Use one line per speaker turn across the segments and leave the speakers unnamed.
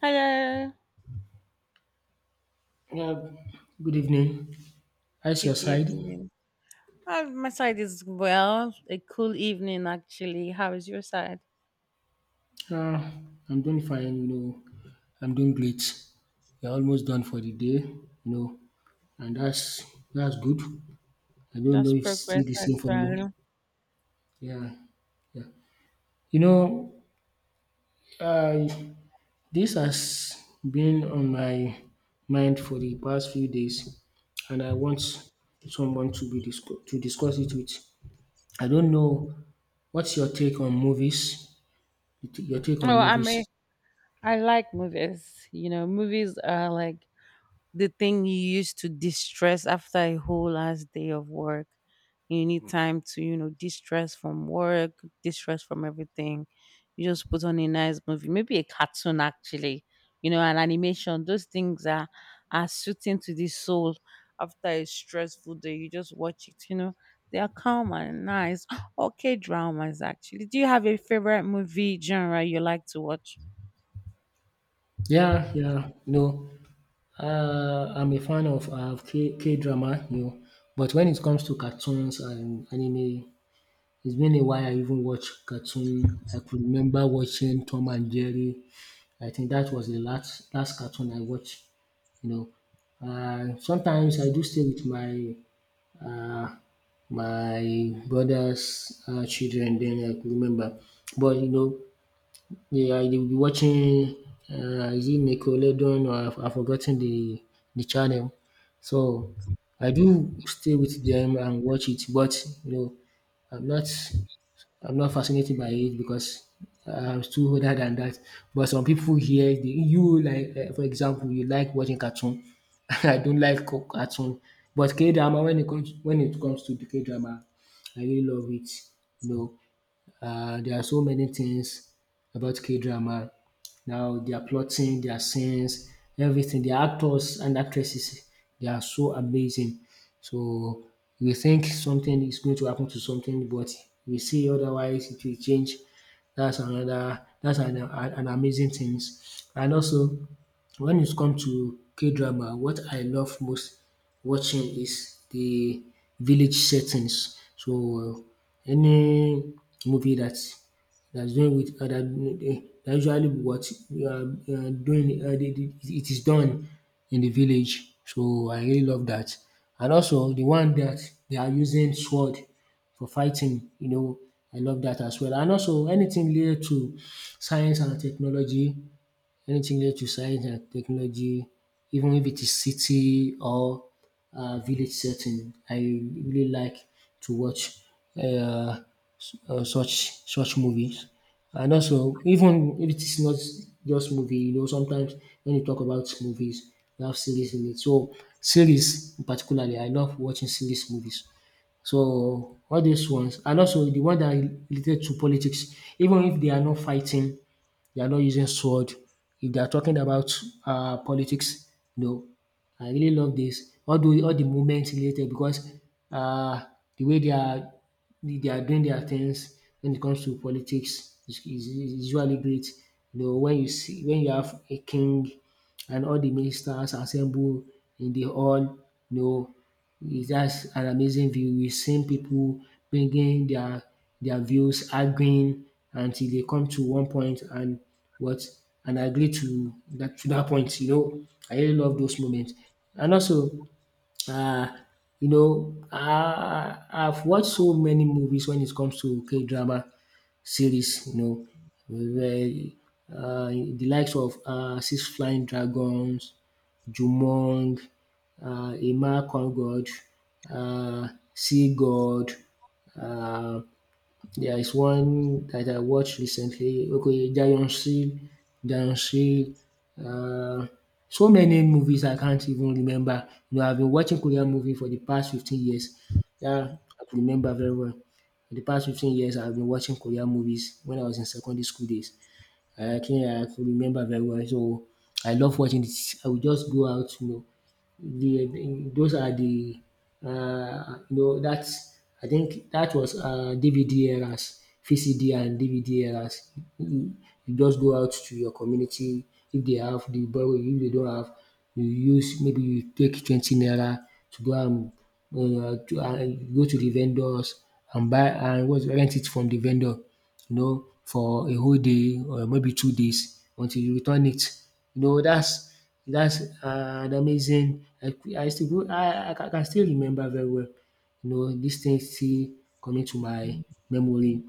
Hello.
Yeah, good evening. How's your
Good
side?
evening. My side is well. A cool evening, actually. How is your side?
Uh, I'm doing fine, you know. I'm doing great. We're almost done for the day, you know, and that's good. I don't know
Just
if it's
progress,
still the same for you.
actually.
Yeah, yeah. You know, uh, this has been on my mind for the past few days, and I want someone to be to discuss it with. I don't know what's your take on movies. Your take on
Oh, I
movies.
mean, I like movies. You know, movies are like the thing you used to distress after a whole last day of work. You need time to, you know, distress from work, distress from everything. You just put on a nice movie, maybe a cartoon actually, you know, an animation. Those things are suiting to the soul after a stressful day. You just watch it, you know. They are calm and nice. Okay, dramas actually. Do you have a favorite movie genre you like to watch?
Yeah, yeah, no. I'm a fan of K-drama, you know, but when it comes to cartoons and anime, it's been a while I even watched cartoon. I could remember watching Tom and Jerry. I think that was the last cartoon I watched, you know. Sometimes I do stay with uh, my brother's children, then I could remember. But, you know, yeah, they will be watching, is it Nickelodeon or I've forgotten the channel. So I do stay with them and watch it, but you know, I'm not I'm not fascinated by it because I'm too older than that. But some people here, you like for example, you like watching cartoon. I don't like cartoon, but K drama. When it comes to the K drama, I really love it. You know, there are so many things about K drama. Now they are plotting, their scenes, everything. The actors and actresses, they are so amazing. So we think something is going to happen to something, but we see otherwise it will change. That's an amazing things. And also when it's come to K drama, what I love most watching is the village settings. So any movie that's doing with that usually what we are doing it is done in the village. So I really love that. And also the one that they are using sword for fighting, you know, I love that as well. And also anything related to science and technology, anything related to science and technology, even if it is city or village setting, I really like to watch uh, such movies. And also, even if it is not just movie, you know, sometimes when you talk about movies, you have series in it. So series, particularly, I love watching series movies. So, all these ones and also the one that are related to politics, even if they are not fighting, they are not using sword, if they are talking about politics, you know, I really love this. All the movement related, because uh, the way they are doing their things when it comes to politics is usually great. You know, when you have a king and all the ministers assemble in the hall, you know, is just an amazing view. We've seen people bringing their views, arguing until they come to one point and what and agree to that point. You know, I really love those moments. And also uh, you know, I've watched so many movies when it comes to K drama series, you know, where, the likes of Six Flying Dragons, Jumong, Emma Kongod, uh, Sea God, uh, there is one that I watched recently. Okay, Giant Seal, Giant Seal. Uh, so many movies I can't even remember. You know, I've been watching Korean movie for the past 15 years. Yeah, I can remember very well. For the past 15 years, I've been watching Korean movies when I was in secondary school days. I think I could remember very well. So I love watching it. I would just go out, you know. Those are the you know, that's I think that was DVD eras, VCD and DVD eras. You, you just go out to your community, if they have, they borrow. If they don't have, you use, maybe you take 20 naira to go and uh, to, uh, go to the vendors and buy, and what rent it from the vendor, you know, for a whole day or maybe 2 days until you return it. You know, that's an amazing I can still remember very well. You know, these things still coming to my memory.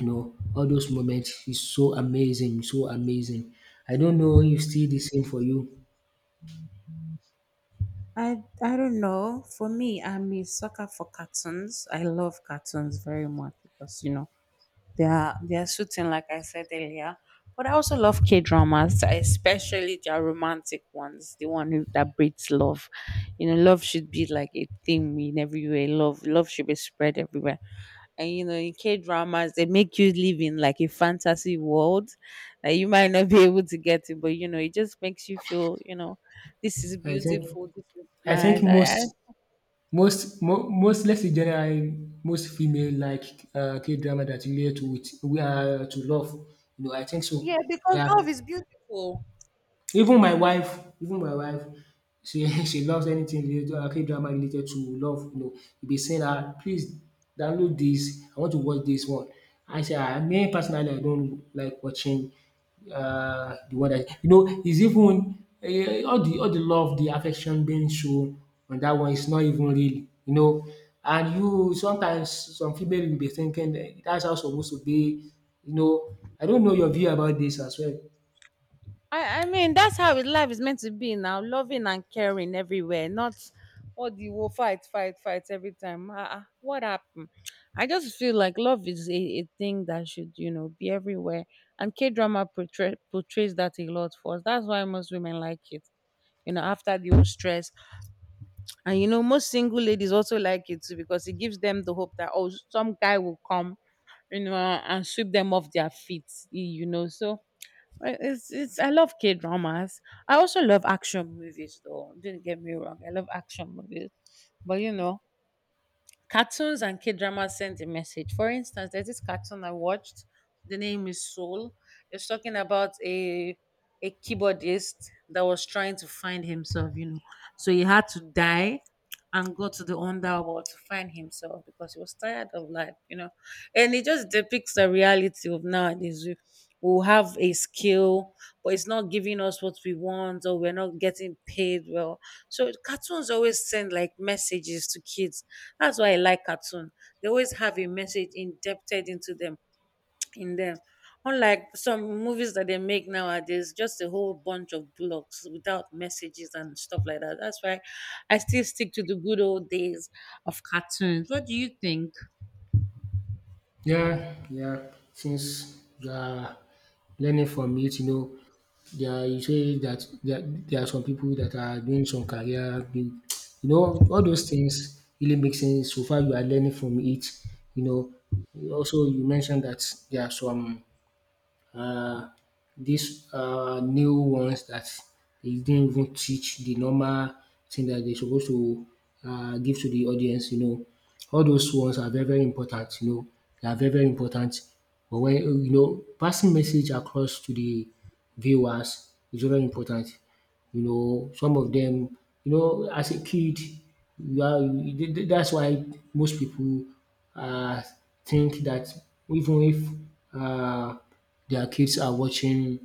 You know, all those moments is so amazing, so amazing. I don't know if still the same for you.
I don't know. For me, I'm a sucker for cartoons. I love cartoons very much because you know they are shooting like I said earlier. But I also love K dramas, especially their romantic ones, that breeds love. You know, love should be like a theme in everywhere. Love should be spread everywhere, and you know in K dramas they make you live in like a fantasy world that you might not be able to get to, but you know it just makes you feel, you know, this is
I think
beautiful, this is
I think
nice.
most Most mo most let's say generally most female like K-drama that relate to with we are to love, you know, I think so.
Yeah, because
Yeah.
love is beautiful.
Even my wife she she loves anything related K-drama related to love, you know. You be saying “Please download this, I want to watch this one.” I say, me personally, I don't like watching the one that, you know, is even all the love, the affection being shown on that one is not even real, you know. And you sometimes, some female will be thinking dat's how it's supposed to be, you know. I don't know your view about this as well.
I mean, life is meant to be now. Loving and caring everywhere, not all the war, fight, fight, fight every time. Ah, ah, what happened? I just feel like love is a thing that should, you know, be everywhere. And K drama portrays that a lot for us. That's why most women like it, you know, after the whole stress. And, you know, most single ladies also like it too because it gives them the hope that, oh, some guy will come, you know, and sweep them off their feet, you know. So, it's I love K dramas. I also love action movies though. Don't get me wrong. I love action movies. But you know, cartoons and K dramas send a message. For instance, there's this cartoon I watched. The name is Soul. It's talking about a keyboardist that was trying to find himself, you know. So he had to die and go to the underworld to find himself because he was tired of life, you know. And it just depicts the reality of nowadays. We have a skill, but it's not giving us what we want, or we're not getting paid well. So cartoons always send like messages to kids, that's why I like cartoon. They always have a message indebted into them in them. Unlike some movies that they make nowadays, just a whole bunch of blocks without messages and stuff like that. That's why I still stick to the good old days of cartoons. What do you think?
Yeah, yeah. Since you are learning from it, you know, there you say that there are some people that are doing some career, you know, all those things really make sense so far you are learning from it. You know, also you mentioned that there are some uh, these new ones that they didn't even teach the normal thing that they're supposed to give to the audience, you know. All those ones are very, very important, you know. They are very, very important. But when, you know, passing message across to the viewers is very important, you know, some of them, you know, as a kid, you are, you- th- th- that's why most people uh, think that, even if their kids are watching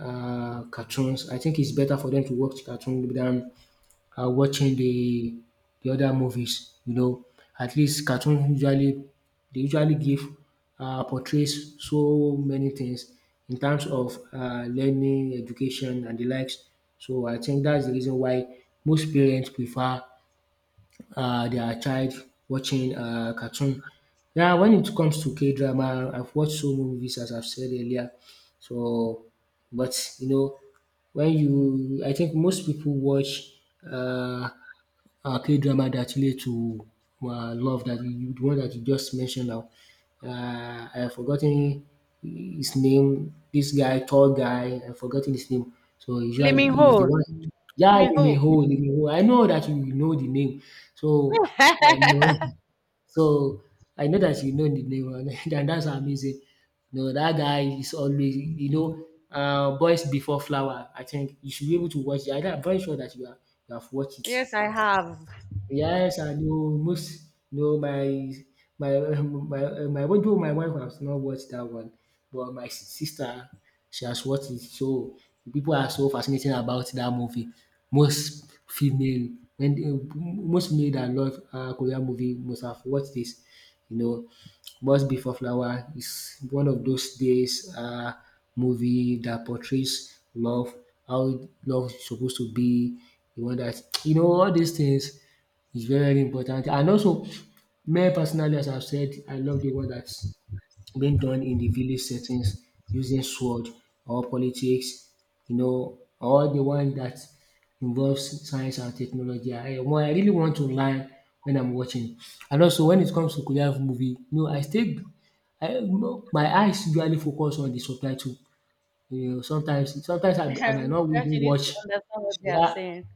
cartoons, I think it's better for them to watch cartoons than watching the other movies. You know, at least cartoon usually they usually give portrays so many things in terms of learning, education, and the likes. So I think that's the reason why most parents prefer their child watching cartoon. Now, when it comes to K drama, I've watched so many movies as I've said earlier. So, but you know, I think most people watch uh, K-drama that relate to love, that you de one that you just mentioned now. um I have forgotten his name. This guy Tall guy, I have forgotten his name. So
Lee Min
he's de
Ho.
one. Yeah,
Lee
Lee Min
Ho.
Ho, Lee Min Ho. I know that you know the name. So I know so I know that you know the name and that's amazing. No, that guy is always, you know, Boys Before Flower. I think you should be able to watch it. I am very sure that you have watched it.
Yes, I have.
Yes, and you most no my my my although my wife has not watched that one, but my sister, she has watched it. So people are so fascinating about that movie. Most female, when most male that love Korean movie must have watched this, you know. Must Be for Flower is one of those days movie that portrays love, how love is supposed to be, the one that you know, all these things, it's very, very important. And also, me personally, as I've said, I love the work that's being done in the village settings using sword or politics, you know, or the one that involves science and technology. I really want to learn when I'm watching. And also, when it comes to Korean movie, you know, I stay I my eyes usually focus on the subtitle, you know, sometimes I might
You
not even
need to
watch.
understand what they are
Yeah,
saying.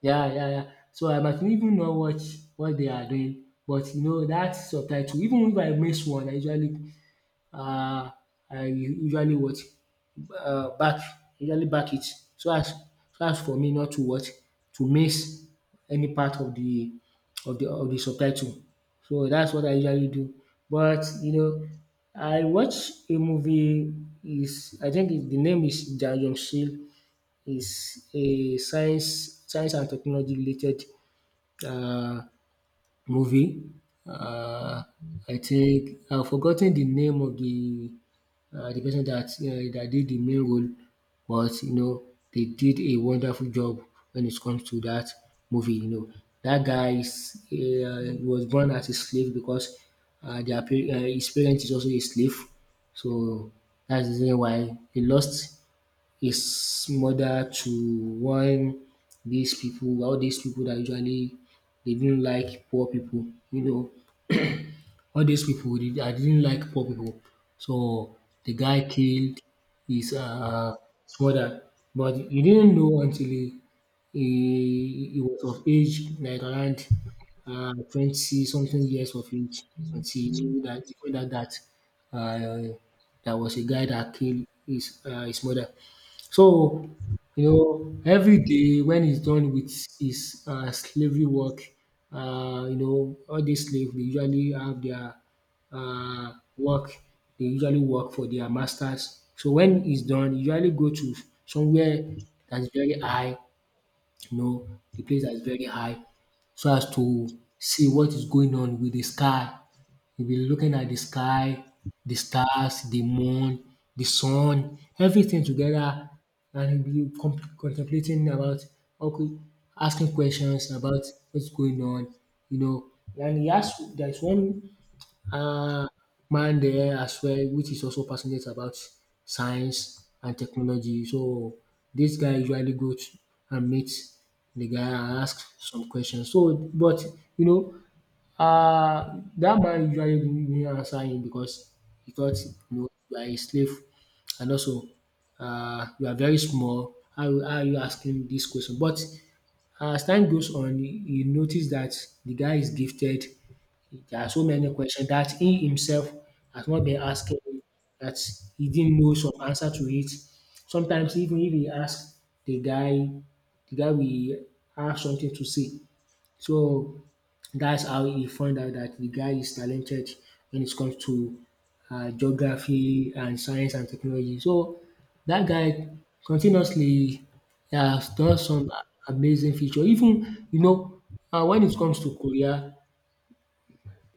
yeah, yeah, yeah. So I might not even know what they are doing, but you know that subtitle, even if I miss one, I usually, uh, I usually, what back, usually back it, so as so as for me not to what to miss any part of the of the subtitle. So that's what I usually do. But you know, I watch a movie, is I think it, the name is Jang Yong Shil, is a science and technology related uh, movie. Uh, I think I've forgotten the name of the person that did the main role, but you know, they did a wonderful job when it comes to that movie. You know that guy is was born as a slave because his parents is also a slave, so that's the reason why he lost his mother to one these people, all these people that usually they didn't like poor people. You know all dis pipu I didn't like poor people. So the guy killed his mother, but he didn't know until he was of age, like around 20 something years of age, until he knew dat that um there was a guy that killed his mother. So, you know, every day when he's done with his slavery work, you know, all these slaves, they usually have their work, they usually work for their masters. So when he's done, he usually go to somewhere that's very high, you know, the place that's very high, so as to see what is going on with the sky. You'll be looking at the sky, the stars, the moon, the sun, everything together, and you'll be contemplating about, okay, asking questions about what's going on, you know. And he has, there's one uh, man there as well, which is also passionate about science and technology. So this guy usually goes and meets the guy and asks some questions. So, but you know, that man usually didn't answer him because he thought, you know, you are a slave, and also you are very small. How are you asking this question? But as time goes on, he noticed that the guy is gifted. There are so many questions that he himself has not been asking, that he didn't know some answer to it. Sometimes even if he asks the guy, the guy will have something to say. So that's how he found out that the guy is talented when it comes to geography and science and technology. So that guy continuously has done some amazing feature. Even you know when it comes to Korea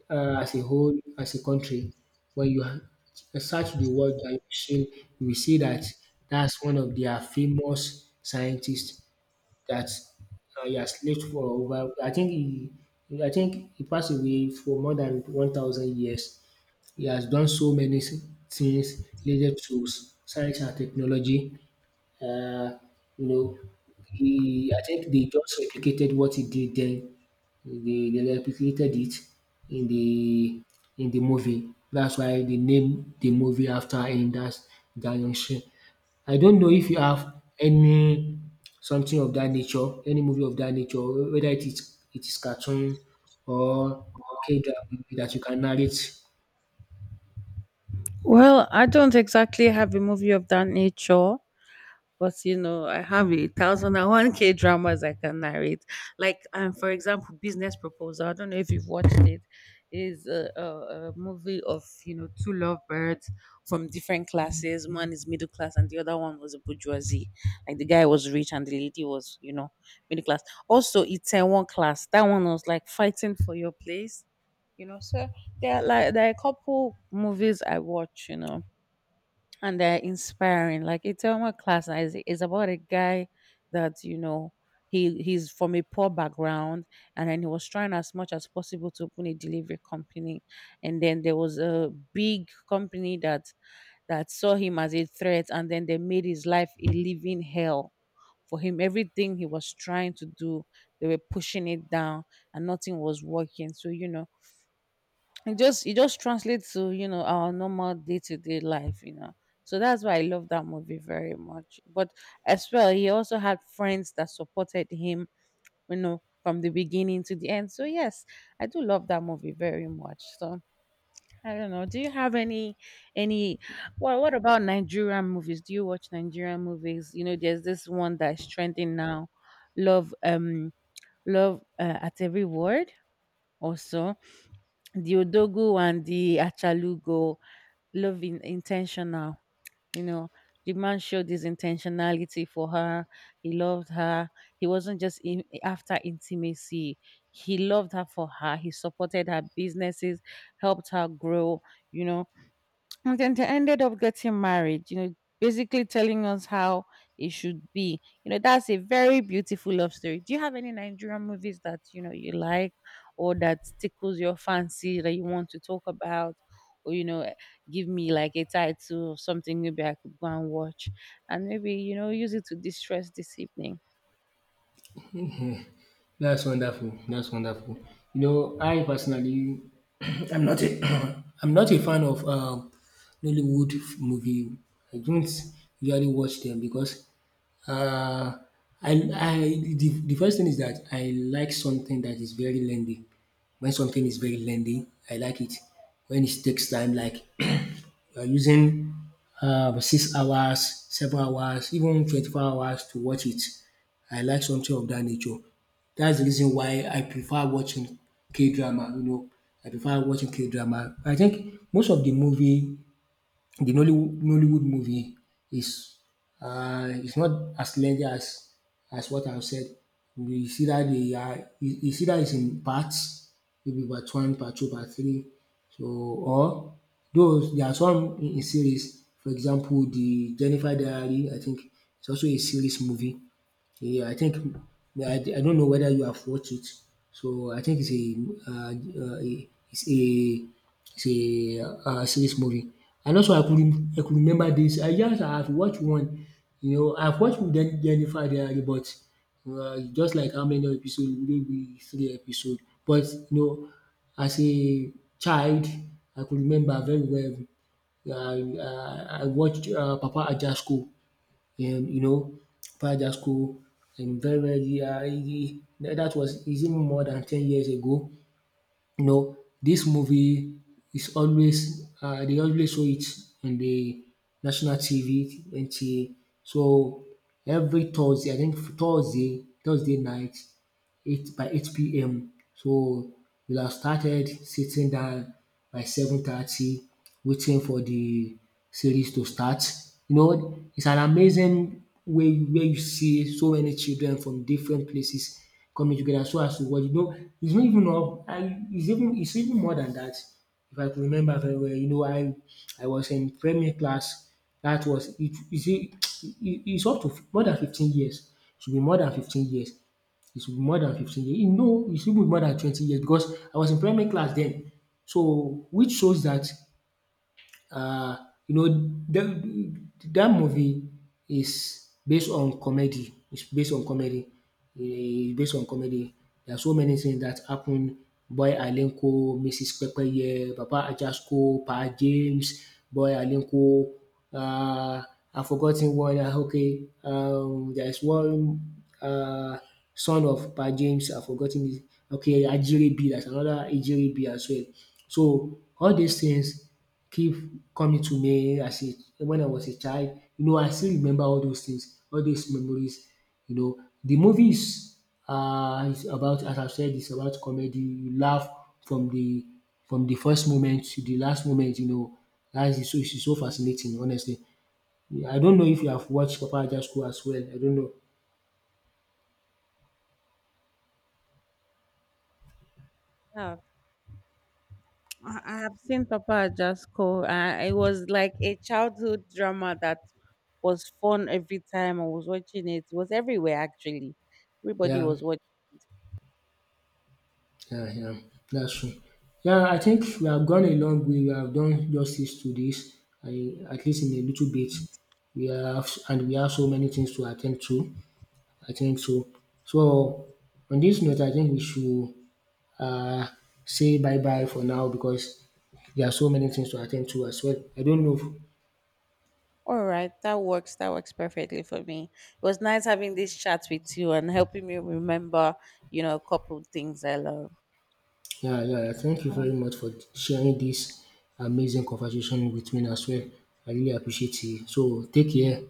as a whole, as a country, when you search the word that you see, you will see that that's one of their famous scientists that he has lived for over. I think he passed away for more than 1,000 years. He has done so many things related to science and technology. Uh, you know, he, I think they just replicated what he did then. They replicated it in the in the movie. That's why they named the movie after him. That's Daniel Shin. I don't know if you have any something of that nature, any movie of that nature, whether it is cartoon or K drama that you can narrate.
Well, I don't exactly have a movie of that nature. But you know, I have a thousand and one K dramas I can narrate. Like, for example, Business Proposal. I don't know if you've watched it. Is a movie of, you know, two lovebirds from different classes. One is middle class, and the other one was a bourgeoisie. Like the guy was rich, and the lady was, you know, middle class. Also, it's a one class. That one was like fighting for your place. You know, so there are a couple movies I watch. You know, and they're inspiring. Like Itama class is about a guy that you know he's from a poor background, and then he was trying as much as possible to open a delivery company, and then there was a big company that saw him as a threat, and then they made his life a living hell. For him, everything he was trying to do, they were pushing it down, and nothing was working. So, you know, it just translates to, you know, our normal day-to-day life, you know. So that's why I love that movie very much, but as well he also had friends that supported him, you know, from the beginning to the end. So yes, I do love that movie very much. So I don't know, do you have any any well, what about Nigerian movies? Do you watch Nigerian movies? You know, there's this one that's trending now, love um love, at every word, also the Odogu and the Achalugo, love in intentional. You know, the man showed his intentionality for her. He loved her. He wasn't just in, after intimacy. He loved her for her. He supported her businesses, helped her grow. You know, and then they ended up getting married, you know, basically telling us how it should be. You know, that's a very beautiful love story. Do you have any Nigerian movies that, you know, you like or that tickles your fancy that you want to talk about? Or, you know, give me like a title or something, maybe I could go and watch and maybe, you know, use it to distress this evening.
That's wonderful. That's wonderful. You know, I personally, I'm not a, I'm not a fan of Nollywood movie. I don't usually watch them because uh, I the first thing is that I like something that is very lengthy. When something is very lengthy, I like it. When it takes time, like you're using 6 hours, 7 hours, even 24 hours to watch it. I like something of that nature. That's the reason why I prefer watching K drama. You know, I prefer watching K drama. I think most of the movie the Nollywood movie is it's not as legendary as what I've said. You see that they are you, you see that it's in parts, maybe part one, part two, part three. So or those there are some in series. For example, the Jennifer Diary, I think it's also a series movie. Yeah, I think I don't know whether you have watched it. So I think uh, uh, it's a series movie. And also I could I could remember this. I just I've watched one. You know, I've watched with Jennifer Aniston, but just like how many episodes? Maybe three episodes. But you know, as a child, I could remember very well. I watched Papa Ajasco. And you know, Fajasco in very very that was is even more than 10 years ago. You know, this movie is always they always show it on the national TV, NTA. So every Thursday, I think Thursday, Thursday night 8 by 8 p.m. So we will have started sitting down by 7:30 waiting for the series to start. You know, it's an amazing way where you see so many children from different places coming together so as to watch. You know, it's not even up, I it's even more than that. If I could remember very well, you know, I was in primary class. That was it. You see, it, it's up to more than 15 years. Should be more than 15 years. It should be more than 15 years. No, it should be more than 20 years because I was in primary class then. So, which shows that uh, you know, that that movie is based on comedy. It's based on comedy. It's based on comedy. There are so many things that happen. Boy Alenko, Mrs. Pepeye, Papa Ajasko, Pa James, Boy Alenko. Uh, I've forgotten one. Okay, there is one uh, son of Pa James. I've forgotten this. Okay, Ajiri B. That's another Ajiri B as well. So all these things keep coming to me as a when I was a child. You know, I still remember all those things, all those memories. You know, the movie is about, as I said, it's about comedy. You laugh from the from the first moment to the last moment, you know. That is so it's so fascinating, honestly. I don't know if you have watched Papa Aja's School as well. I don't know.
Yeah, I have seen Papa Ajasco. It was like a childhood drama that was fun every time I was watching it. It was everywhere, actually. Everybody
Yeah.
was watching.
Yeah, yeah, that's true. Yeah, I think we have gone a long way. We have done justice to this, I, at least in a little bit. We have, and we have so many things to attend to. I think so. So, on this note, I think we should uh, say bye bye for now because there are so many things to attend to as well. I don't know. If,
All right, that works. That works perfectly for me. It was nice having this chat with you and helping me remember, you know, a couple things I love.
yeah, yeah. Thank you
Oh,
very much for sharing this amazing conversation with me as well. I really appreciate it. So, take care.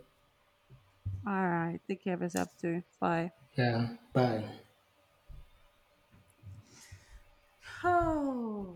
all right. Take care of yourself too. Bye.
Yeah, bye.
Oh.